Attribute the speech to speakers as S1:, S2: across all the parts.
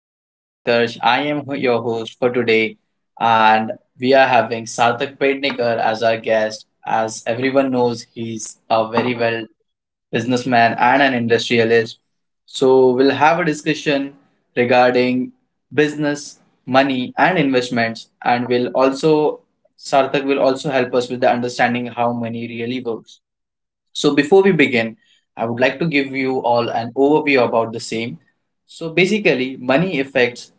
S1: my name is Utkarsh. Your host for today, and we are having Sarthak Pednikar as our guest. As everyone knows, he's a very well businessman and an industrialist. So we'll have a discussion regarding business, money, and investments, and will also Sarthak will also help us with the understanding how money really works. So before we begin, I would like to give you all an overview about the same. So basically, money affects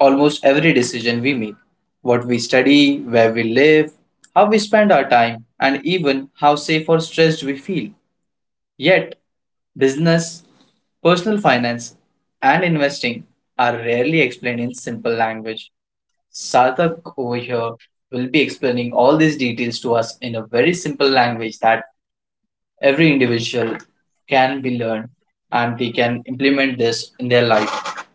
S1: almost every decision we make. What we study, where we live, how we spend our time, and even how safe or stressed we feel. Yet, business, personal finance, and investing are rarely explained in simple language. Sarthak over here will be explaining all these details to us in a very simple language that every individual can be learned and they can implement this in their life.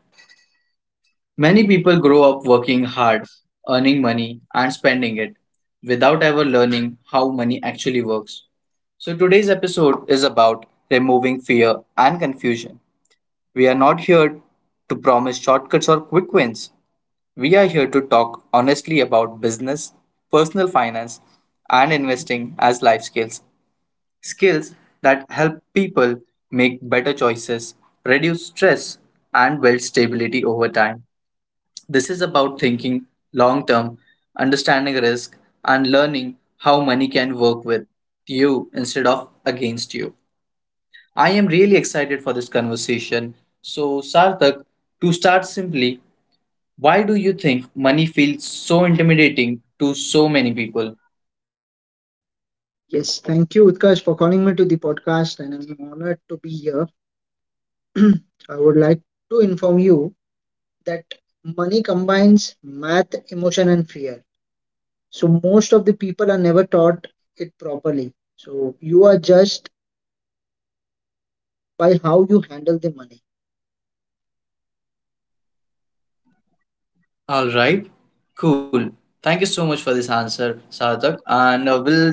S1: Many people grow up working hard, earning money, and spending it without ever learning how money actually works. So, today's episode is about removing fear and confusion. We are not here to promise shortcuts or quick wins. We are here to talk honestly about business, personal finance, and investing as life skills. Skills that help people make better choices, reduce stress, and build stability over time. This is about thinking long term, understanding risk, and learning how money can work with you instead of against you. I am really excited for this conversation. So, Sarthak, to start simply, why do you think money feels so intimidating to so many people?
S2: Yes, thank you, Utkarsh, for calling me to the podcast, and I'm honored to be here. I would like to inform you that money combines math, emotion, and fear. So, most of the people are never taught it properly. So, you are judged by how you handle the money.
S1: All right, cool. Thank you so much for this answer, Sarthak. And we'll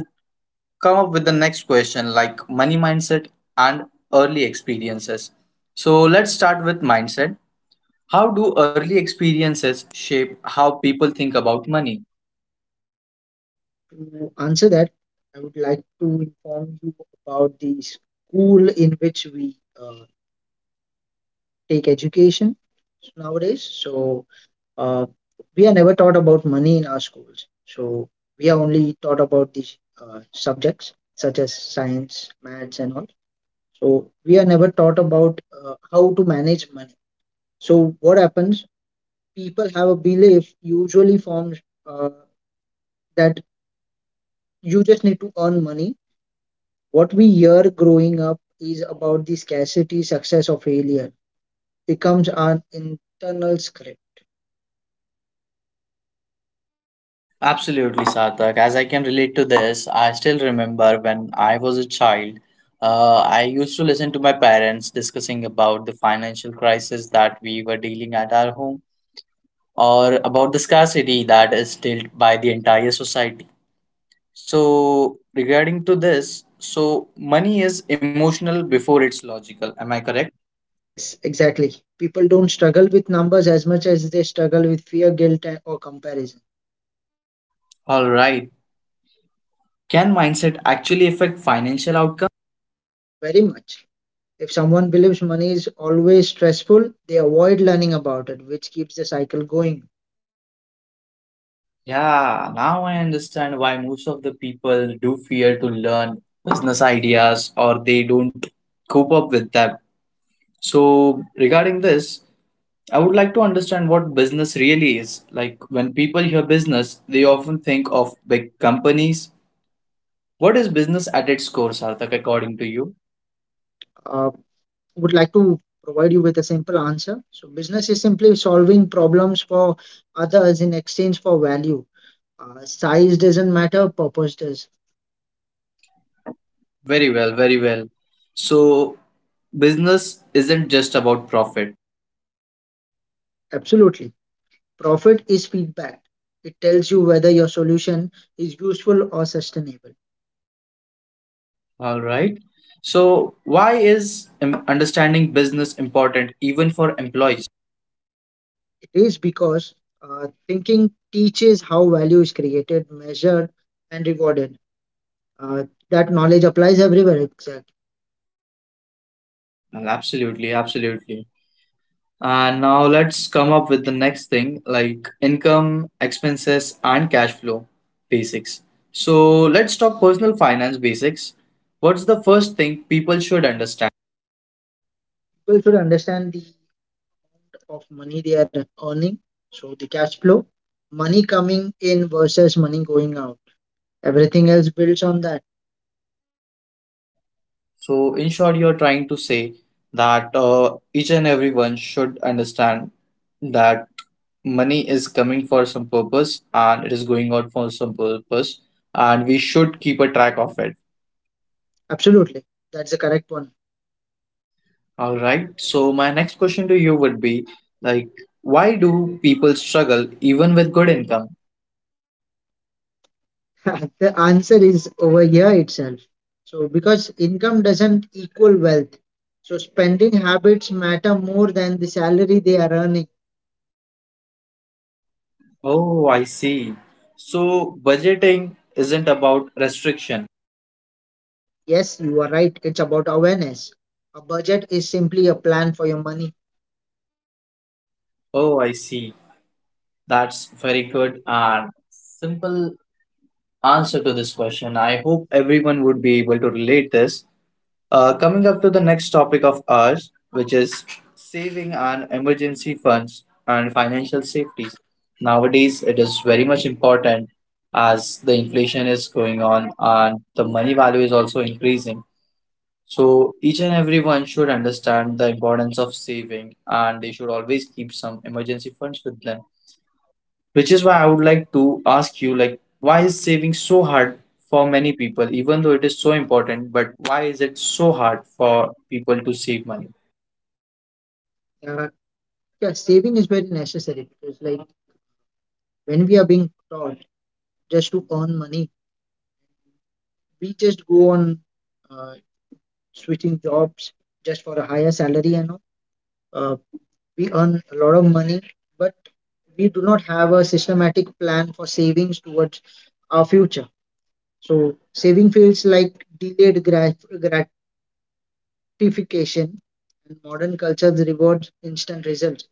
S1: come up with the next question like money mindset and early experiences. So let's start with mindset. How do early experiences shape how people think about money?
S2: To answer that, I would like to inform you about the school in which we uh, take education nowadays. So, uh, we are never taught about money in our schools. So we are only taught about these subjects such as science, maths, and all. So we are never taught about how to manage money. So what happens? People have a belief usually forms uh, that you just need to earn money. What we hear growing up is about the scarcity, success, or failure. Becomes our internal script.
S1: Absolutely, Sarthak. As I can relate to this, I still remember when I was a child, I used to listen to my parents discussing about the financial crisis that we were dealing at our home or about the scarcity that is dealt by the entire society. So regarding to this, so money is emotional before it's logical. Am I correct?
S2: Yes, exactly. People don't struggle with numbers as much as they struggle with fear, guilt, or comparison.
S1: All right. Can mindset actually affect financial outcome?
S2: Very much. If someone believes money is always stressful, they avoid learning about it, which keeps the cycle going.
S1: Yeah, now I understand why most of the people do fear to learn business ideas or they don't cope up with them. So, regarding this, I would like to understand what business really is. Like, when people hear business, they often think of big companies. What is business at its core, Sarthak, according to you?
S2: Uh, would like to provide you with a simple answer. So, business is simply solving problems for others in exchange for value. Size doesn't matter, purpose does.
S1: Very well, very well. So, business isn't just about profit.
S2: Absolutely. Profit is feedback, it tells you whether your solution is useful or sustainable.
S1: All right. So, why is understanding business important even for employees?
S2: It is because thinking teaches how value is created, measured, and rewarded. Uh, that knowledge applies everywhere. Exactly.
S1: Well, absolutely, absolutely. And now let's come up with the next thing like income, expenses, and cash flow basics. So let's talk personal finance basics. What's the first thing people should understand?
S2: People should understand the of money they are earning, so the cash flow, money coming in versus money going out. Everything else builds on that.
S1: So, in short, you're trying to say that each and everyone should understand that money is coming for some purpose and it is going out for some purpose, and we should keep a track of it.
S2: Absolutely, that's the correct one.
S1: All right. So my next question to you would be like, why do people struggle even with good income?
S2: The answer is over here itself. So because income doesn't equal wealth, so spending habits matter more than the salary they are earning.
S1: Oh, I see. So budgeting isn't about restriction.
S2: Yes, you are right. It's about awareness. A budget is simply a plan for your money.
S1: Oh, I see. That's very good and simple answer to this question. I hope everyone would be able to relate this. Coming up to the next topic of ours, which is saving and emergency funds and financial safety. Nowadays, it is very much important as the inflation is going on and the money value is also increasing. So, each and everyone should understand the importance of saving and they should always keep some emergency funds with them, which is why I would like to ask you, like, why is saving so hard for many people? Even though it is so important, but why is it so hard for people to save money?
S2: Uh, yeah, saving is very necessary because, like, when we are being taught just to earn money, we just go on uh, switching jobs just for a higher salary and all. Uh, we earn a lot of money, but we do not have a systematic plan for savings towards our future. So, saving feels like gratification, and modern culture rewards instant results.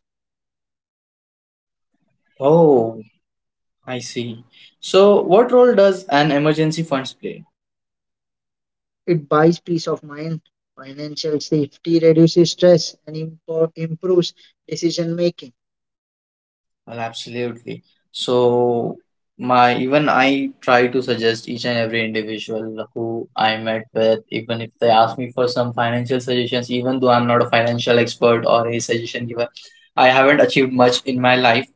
S1: Oh, I see. So what role does an emergency funds play?
S2: It buys peace of mind, financial safety, reduces stress, and improves decision making.
S1: Well, absolutely. So my, even I try to suggest each and every individual who I met with, even if they ask me for some financial suggestions, even though I'm not a financial expert or a suggestion giver, I haven't achieved much in my life.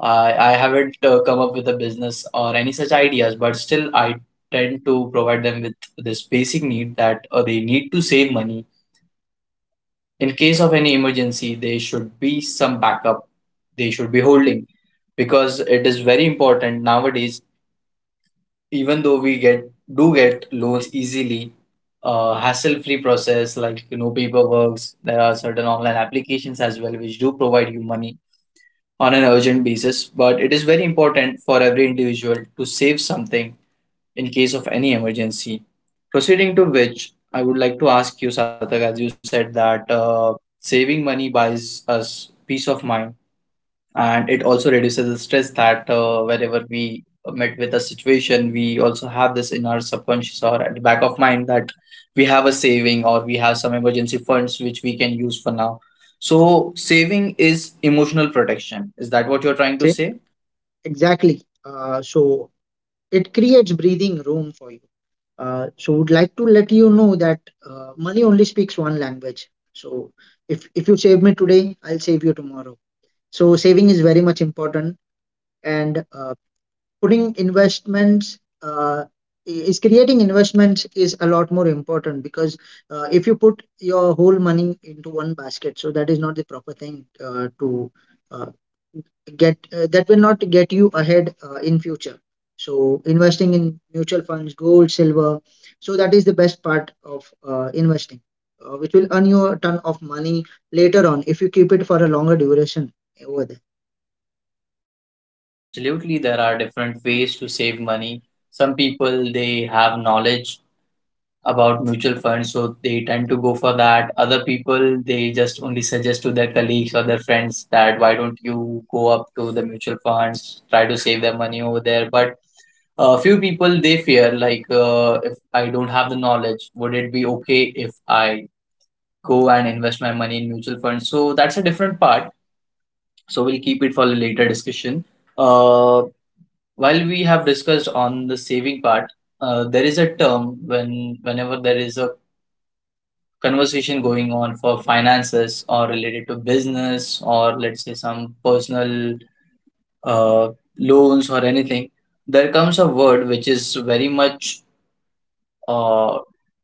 S1: I haven't come up with a business or any such ideas, but still I tend to provide them with this basic need that they need to save money. In case of any emergency, there should be some backup they should be holding, because it is very important nowadays. Even though we get do get loans easily, hassle-free process like no paperwork. There are certain online applications as well which do provide you money on an urgent basis, but it is very important for every individual to save something in case of any emergency. Proceeding to which, I would like to ask you, Sarthak, as you said that saving money buys us peace of mind, and it also reduces the stress, that whenever we met with a situation, we also have this in our subconscious or at the back of mind that we have a saving or we have some emergency funds which we can use for now. So saving is emotional protection. Is that what you're
S2: Trying to
S1: trying to
S2: say
S1: say?
S2: Exactly. So it creates breathing room for you. So would like to let you know that money only speaks one language. So if you save me today, I'll save you tomorrow. So saving is very much important, and putting investments is creating investments is a lot more important because if you put your whole money into one basket, so that is not the proper thing to uh, get that will not get you ahead in future. So investing in mutual funds, gold, silver, so that is the best part of investing, which will earn you a ton of money later on if you keep it for a longer duration over there.
S1: Yeah, absolutely. There are different ways to save money. Some people, they have knowledge about mutual funds, so they tend to go for that. Other people, they just only suggest to their colleagues or their friends that why don't you go up to the mutual funds, try to save their money over there. But a few people, they fear, like, if I don't have the knowledge, would it be okay if I go and invest my money in mutual funds? So that's a different part, so we'll keep it for a later discussion. uh, while we have discussed on the saving part, there is a term, when whenever there is a conversation going on for finances or related to business, or let's say some personal uh, loans or anything, there comes a word which is very much uh,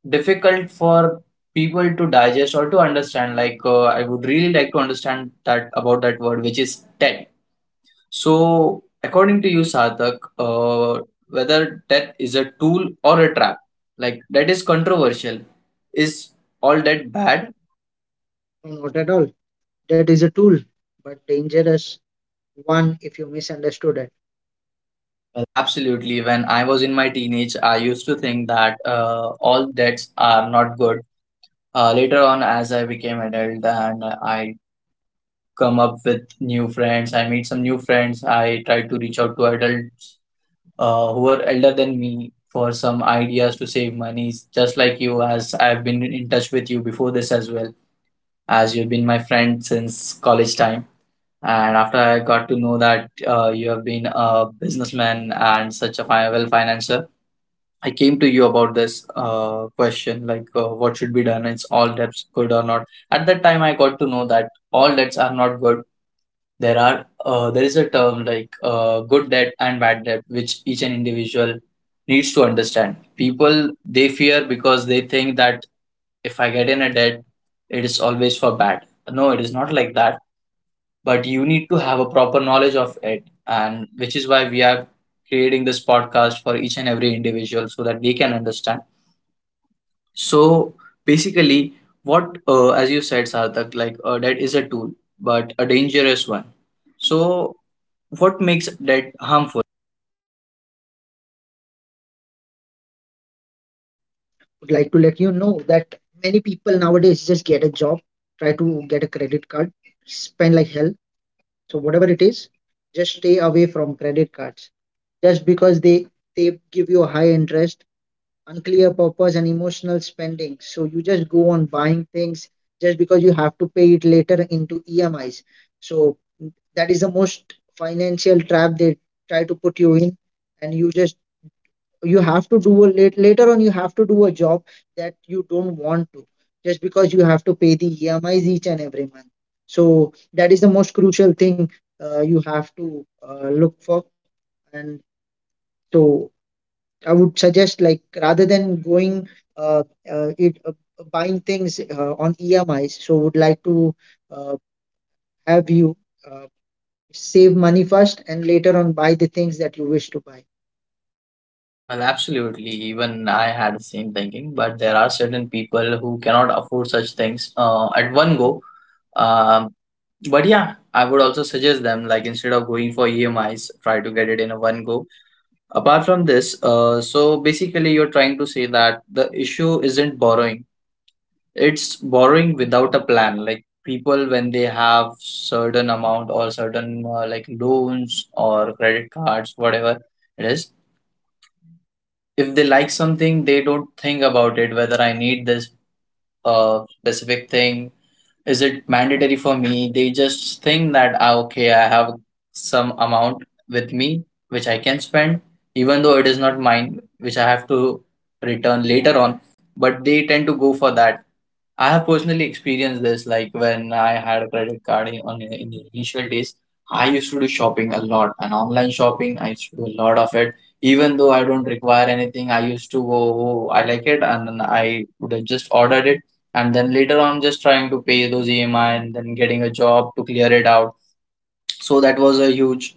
S1: difficult for people to digest or to understand. Like I would really like to understand that, about that word, which is TED. So, according to you, Sarthak, whether TED is a tool or a trap, like that is controversial. Is all that bad?
S2: Not at all. That is a tool, but dangerous one if you misunderstood it.
S1: Well, absolutely. When I was in my teenage, I used to think that all debts are not good. Later on, as I became adult and I come up with new friends, I meet some new friends. I try to reach out to adults who are elder than me for some ideas to save money, just like you, as I've been in touch with you before this as well, as you've been my friend since college time. And after I got to know that you have been a businessman and such a well-financed, I came to you about this question, like, what should be done? Is all debts good or not? At that time, I got to know that all debts are not good. There are there is a term like good debt and bad debt, which each an individual needs to understand. People they fear because they think that if I get in a debt, it is always for bad. No, it is not like that. But you need to have a proper knowledge of it, and which is why we are creating this podcast for each and every individual so that they can understand. So basically, what as you said, Sarthak, like, that is a tool, but a dangerous one. So what makes that harmful?
S2: Would like to let you know that many people nowadays just get a job, try to get a credit card, spend like hell. So whatever it is, just stay away from credit cards. Just because they give you a high interest, unclear purpose and emotional spending. So you just go on buying things just because you have to pay it later into EMIs. So that is the most financial trap they try to put you in, and you have to do a later on, you have to do a job that you don't want to, just because you have to pay the emis each and every month. So that is the most crucial thing you have to look for. And so I would suggest, like, rather than going uh, it buying things on emis, so would like to uh, have you uh, save money first and later on buy the things that you wish to buy.
S1: Well, absolutely. Even I had the same thinking, but there are certain people who cannot afford such things at one go. Um, but yeah, I would also suggest them, like, instead of going for EMIs, try to get it in a one go. Apart from this, so basically, you're trying to say that the issue isn't borrowing, it's borrowing without a plan. Like people, when they have certain amount or certain like loans or credit cards, whatever it is, if they like something, they don't think about it, whether I need this specific thing, is it mandatory for me? They just think that, ah, okay, I have some amount with me which I can spend, even though it is not mine, which I have to return later on, but they tend to go for that. I have personally experienced this, like when I had a credit card in the initial days. I used to do shopping a lot, and online shopping, I used to do a lot of it. Even though I don't require anything, I used to go, oh, I like it, and then I would have just ordered it. And then later on, just trying to pay those EMI and then getting a job to clear it out. So that was a huge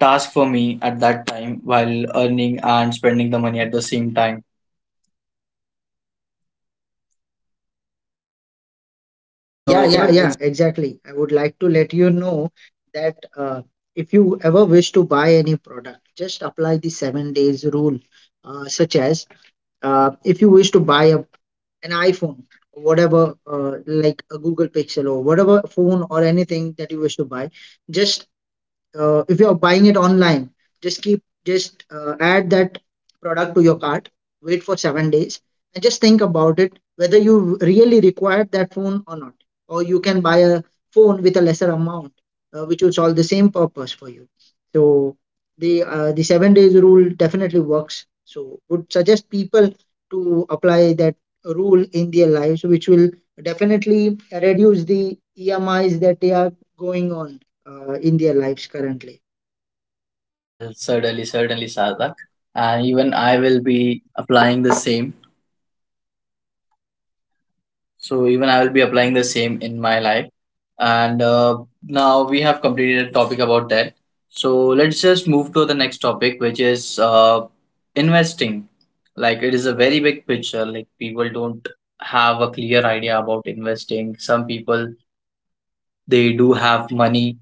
S1: task for me at that time while earning and spending the money at the same time. Yeah, So,
S2: Yeah, so,
S1: yeah,
S2: yeah, exactly. I would like to let you know that if you ever wish to buy any product, just apply the 7 days rule. Such as, if you wish to buy an iPhone, whatever, like a Google Pixel or whatever phone or anything that you wish to buy, just if you're buying it online, just add that product to your cart, wait for 7 days and just think about it, whether you really require that phone or not, or you can buy a phone with a lesser amount which will solve the same purpose for you. So the 7 days rule definitely works, so would suggest people to apply that rule in their lives, which will definitely reduce the emis that they are going on in their lives currently.
S1: Well, certainly, certainly, Sadak. And even I will be applying the same. So even I will be applying the same in my life. And now we have completed a topic about that. So let's just move to the next topic, which is investing. Like it is a very big picture. Like people don't have a clear idea about investing. Some people, they do have money,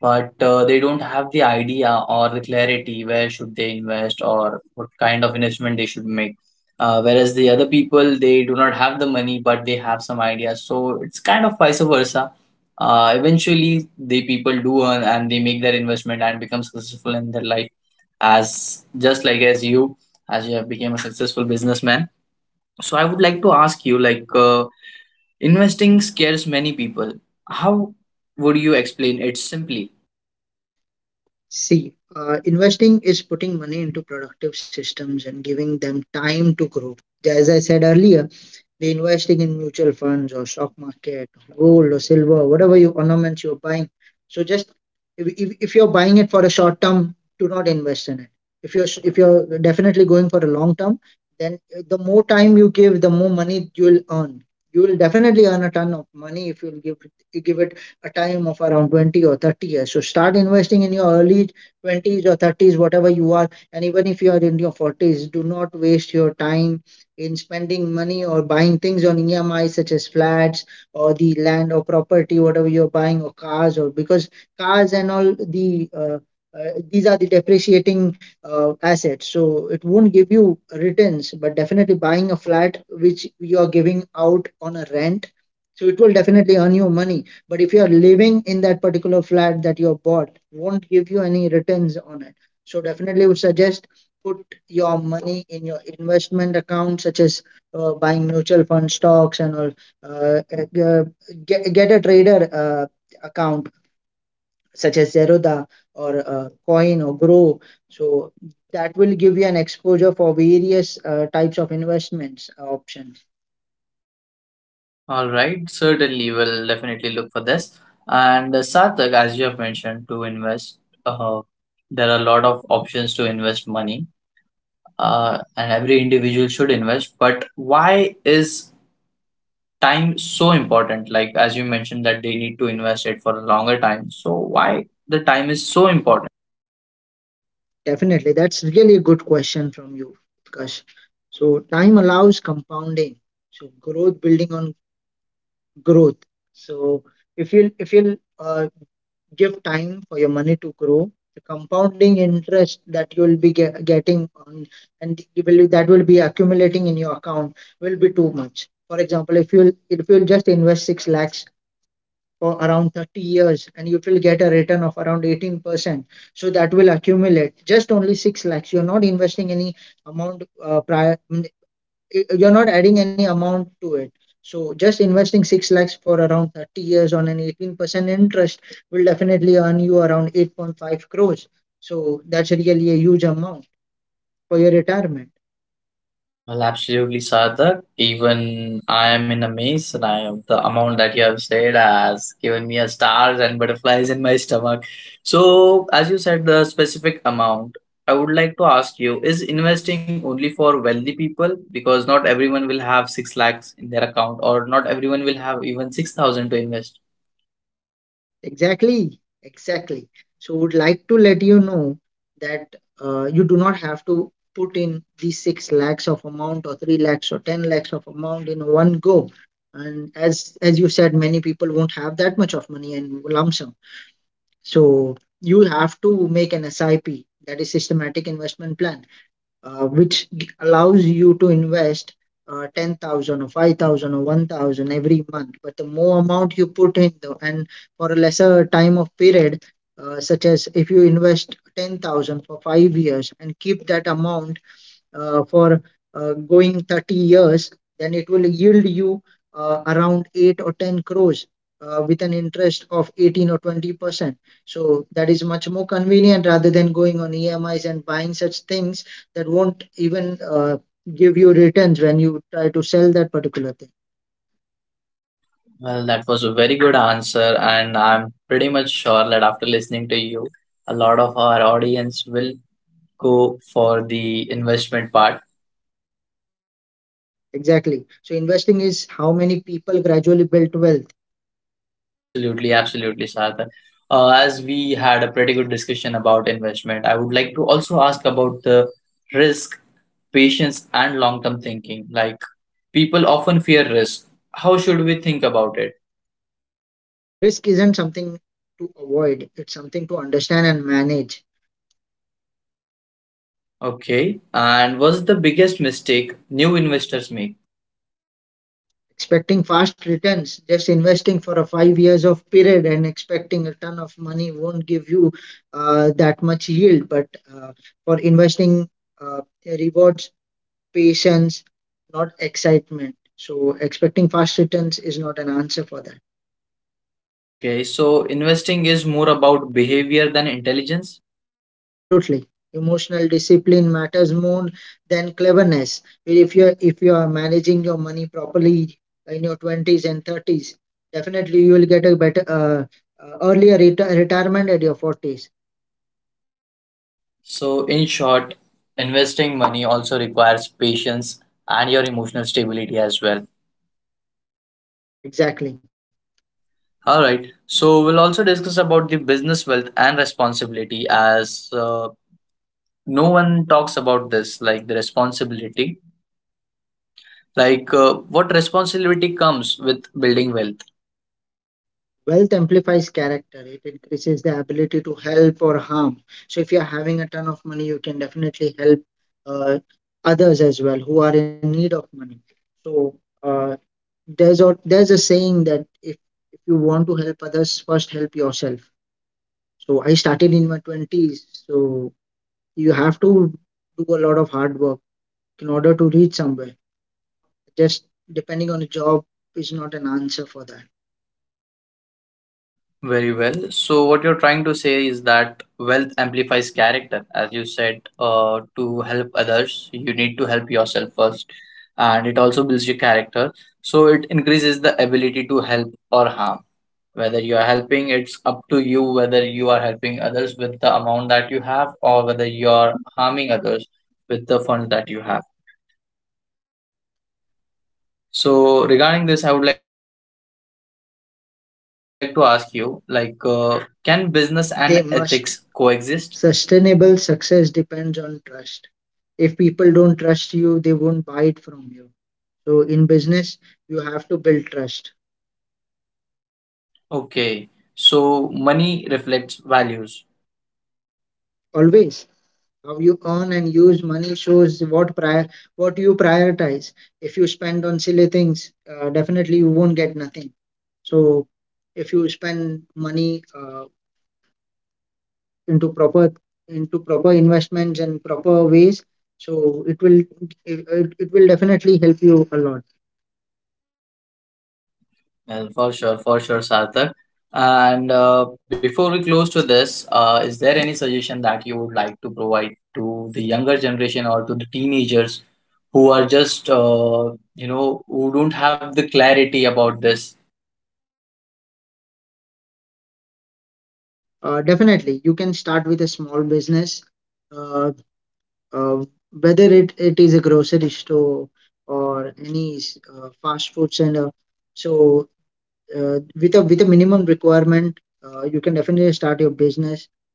S1: but they don't have the idea or the clarity where should they invest or what kind of investment they should make. Whereas the other people, they do not have the money, but they have some ideas. So it's kind of vice versa. Eventually, the people do earn and they make their investment and become successful in their life, as just like as as you have become a successful businessman. So I would like to ask you, investing scares many people. How would you explain it simply?
S2: See, investing is putting money into productive systems and giving them time to grow. As I said earlier, the investing in mutual funds or stock market, gold or silver, whatever you ornaments you're buying. So just, if you're buying it for a short term, do not invest in it. If you're definitely going for a long term, then the more time you give, the more money you'll earn. You will definitely earn a ton of money if you give it a time of around 20 or 30 years. So start investing in your early 20s or 30s, whatever you are, and even if you are in your 40s, do not waste your time in spending money or buying things on EMI, such as flats or the land or property, whatever you're buying, or cars, or because cars and all these are the depreciating assets. So it won't give you returns, but definitely buying a flat which you are giving out on a rent. So it will definitely earn you money. But if you are living in that particular flat that you have bought, won't give you any returns on it. So definitely would suggest, put your money in your investment account, such as buying mutual fund stocks and all. Uh, uh, get a trader account, such as Zerodha or Coin or Grow. So that will give you an exposure for various types of investments options.
S1: All right, certainly we'll definitely look for this. And Sarthak, as you have mentioned, to invest, uh, there are a lot of options to invest money, and every individual should invest. But why is time so important? Like, as you mentioned, that they need to invest it for a longer time. So, why the time is so important?
S2: Definitely, that's really a good question from you, Kash. So time allows compounding. So growth building on growth. So if you'll give time for your money to grow, the compounding interest that you will be getting on, and you will, that will be accumulating in your account will be too much. For example, if you'll just invest six lakhs for around 30 years and you will get a return of around 18%, so that will accumulate just only six lakhs. You're not investing any amount prior, you're not adding any amount to it. So just investing 6 lakhs for around 30 years on an 18% interest will definitely earn you around 8.5 crores. So that's really a huge amount for your retirement.
S1: Well, absolutely, Sadak. Even I am in a maze, and I am the amount that you have said has given me a stars and butterflies in my stomach. So, as you said, the specific amount, I would like to ask you, is investing only for wealthy people? Because not everyone will have 6 lakhs in their account, or not everyone will have even 6,000 to invest.
S2: Exactly, exactly. So would like to let you know that you do not have to put in these 6 lakhs of amount or 3 lakhs or 10 lakhs of amount in one go. And as you said, many people won't have that much of money and lump sum. So you have to make an SIP, that is systematic investment plan, which allows you to invest 10,000 or 5,000 or 1,000 every month. But the more amount you put in, and for a lesser time of period, such as if you invest 10,000 for 5 years and keep that amount for going 30 years, then it will yield you around 8 or 10 crores with an interest of 18 or 20%. So that is much more convenient rather than going on EMIs and buying such things that won't even give you returns when you try to sell that particular thing.
S1: Well, that was a very good answer, and I'm pretty much sure that after listening to you, a lot of our audience will go for the investment part.
S2: Exactly. So investing is how many people gradually built wealth.
S1: Absolutely, absolutely, Sarthak. As we had a pretty good discussion about investment, I would like to also ask about the risk, patience, and long term thinking. Like, people often fear risk. How should we think about it?
S2: A risk isn't something to avoid, it's something to understand and manage.
S1: Okay. And what's the biggest mistake new investors make?
S2: Expecting fast returns, just investing for a 5 years of period and expecting a ton of money won't give you that much yield. But uh, for investing uh, rewards patience, not excitement. So expecting fast returns is not an answer for that.
S1: Okay. So, investing is more about behavior than intelligence.
S2: Absolutely. Emotional discipline matters more than cleverness. Well, if you are managing your money properly in your 20s and 30s, definitely you will get a better earlier retirement at your 40s.
S1: So, in short, investing money also requires patience and your emotional stability as well.
S2: Exactly.
S1: All right. So, we'll also discuss about the business wealth and responsibility as no one talks about this, like the responsibility. Like, what responsibility comes with building wealth?
S2: Wealth amplifies character. It increases the ability to help or harm. So if you are having a ton of money, you can definitely help uh, others as well who are in need of money. So uh, there's a saying that, if you want to help others, first help yourself. So I started in my 20s, so you have to do a lot of hard work in order to reach somewhere. Just depending on a job is not an answer for that.
S1: Very well. So, what you're trying to say is that wealth amplifies character. As you said, to help others, you need to help yourself first, and it also builds your character. So, it increases the ability to help or harm. Whether you are helping, it's up to you whether you are helping others with the amount that you have or whether you're harming others with the funds that you have. So, regarding this, I would like to ask you, can business and ethics coexist?
S2: They must. Sustainable success depends on trust. If people don't trust you, they won't buy it from you. So in business, you have to build trust.
S1: Okay, so money reflects values.
S2: Always. How you earn and use money shows what you prioritize. If you spend on silly things, definitely you won't get nothing. So if you spend money into proper into proper investments and proper ways, so it will definitely help you a lot.
S1: Well, for sure, Sarthak. And before we close to this, is there any suggestion that you would like to provide to the younger generation or to the teenagers who are just, you know, who don't have the clarity about this?
S2: Definitely, you can start with a small business, uh, uh, whether it is a grocery store or any fast food center. So with a minimum requirement, you can definitely start your business,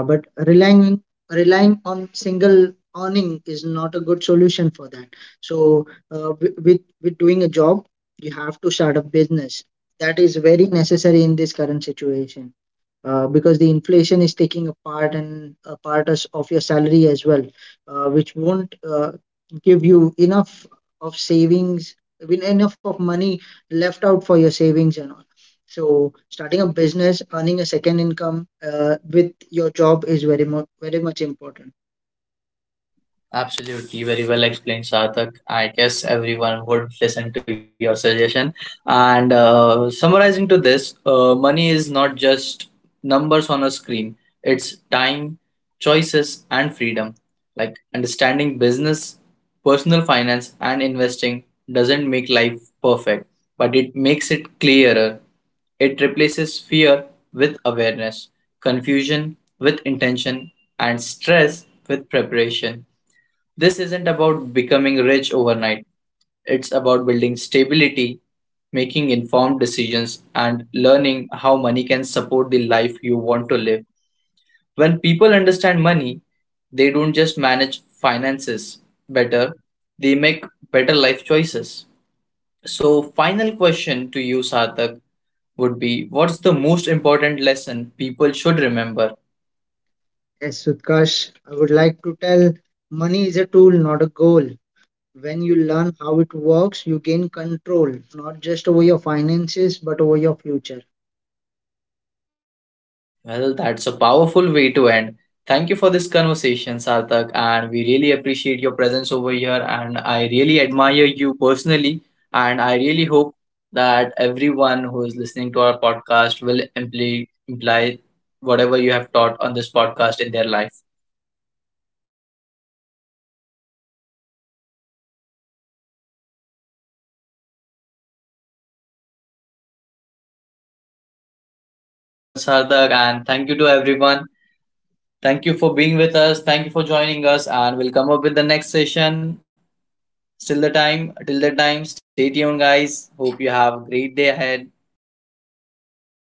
S2: but relying relying on single earning is not a good solution for that. So with doing a job, you have to start a business. That is very necessary in this current situation, because the inflation is taking a part and a of your salary as well, which won't give you enough of savings, I mean, enough of money left out for your savings and all. So starting a business, earning a second income with your job is very much important.
S1: Absolutely, very well explained, Sarthak. I guess everyone would listen to your suggestion. And summarizing to this, money is not just numbers on a screen, it's time, choices, and freedom. Like understanding business, personal finance, and investing doesn't make life perfect, but it makes it clearer. It replaces fear with awareness, confusion with intention, and stress with preparation. This isn't about becoming rich overnight, it's about building stability, making informed decisions, and learning how money can support the life you want to live. When people understand money, they don't just manage finances better, they make better life choices. So, final question to you, Sarthak, would be what's the most important lesson people should remember.
S2: Yes, Utkarsh, I would like to tell money is a tool, not a goal. When you learn how it works, you gain control, not just over your finances, but over your future.
S1: Well, that's a powerful way to end. Thank you for this conversation, Sarthak, and we really appreciate your presence over here. And I really admire you personally. And I really hope that everyone who is listening to our podcast will imply whatever you have taught on this podcast in their life.
S2: Thank you. Talking about money openly is how people grow. And thank you for calling me to the podcast.
S1: Right.
S2: Right.
S1: Thank
S2: Thank
S1: you
S2: you
S1: so
S2: so
S1: much,
S2: much,
S1: Sarthak,
S2: Sarthak, and
S1: and
S2: thank
S1: thank you
S2: you to
S1: to
S2: everyone.
S1: everyone. Thank
S2: Thank you
S1: you
S2: for
S1: for
S2: being
S1: being
S2: with
S1: with
S2: us.
S1: us. Thank
S2: Thank you
S1: you for
S2: for joining
S1: joining
S2: us,
S1: us, and
S2: and we'll
S1: we'll
S2: come
S1: come
S2: up
S1: up
S2: with
S1: with
S2: the
S1: the
S2: next
S1: next
S2: session.
S1: session. Till
S2: Till
S1: the
S2: the time,
S1: time, stay
S2: stay tuned,
S1: tuned,
S2: guys.
S1: guys.
S2: Hope
S1: Hope you
S2: you
S1: have
S2: have a
S1: a great
S2: great
S1: day
S2: day ahead.
S1: ahead.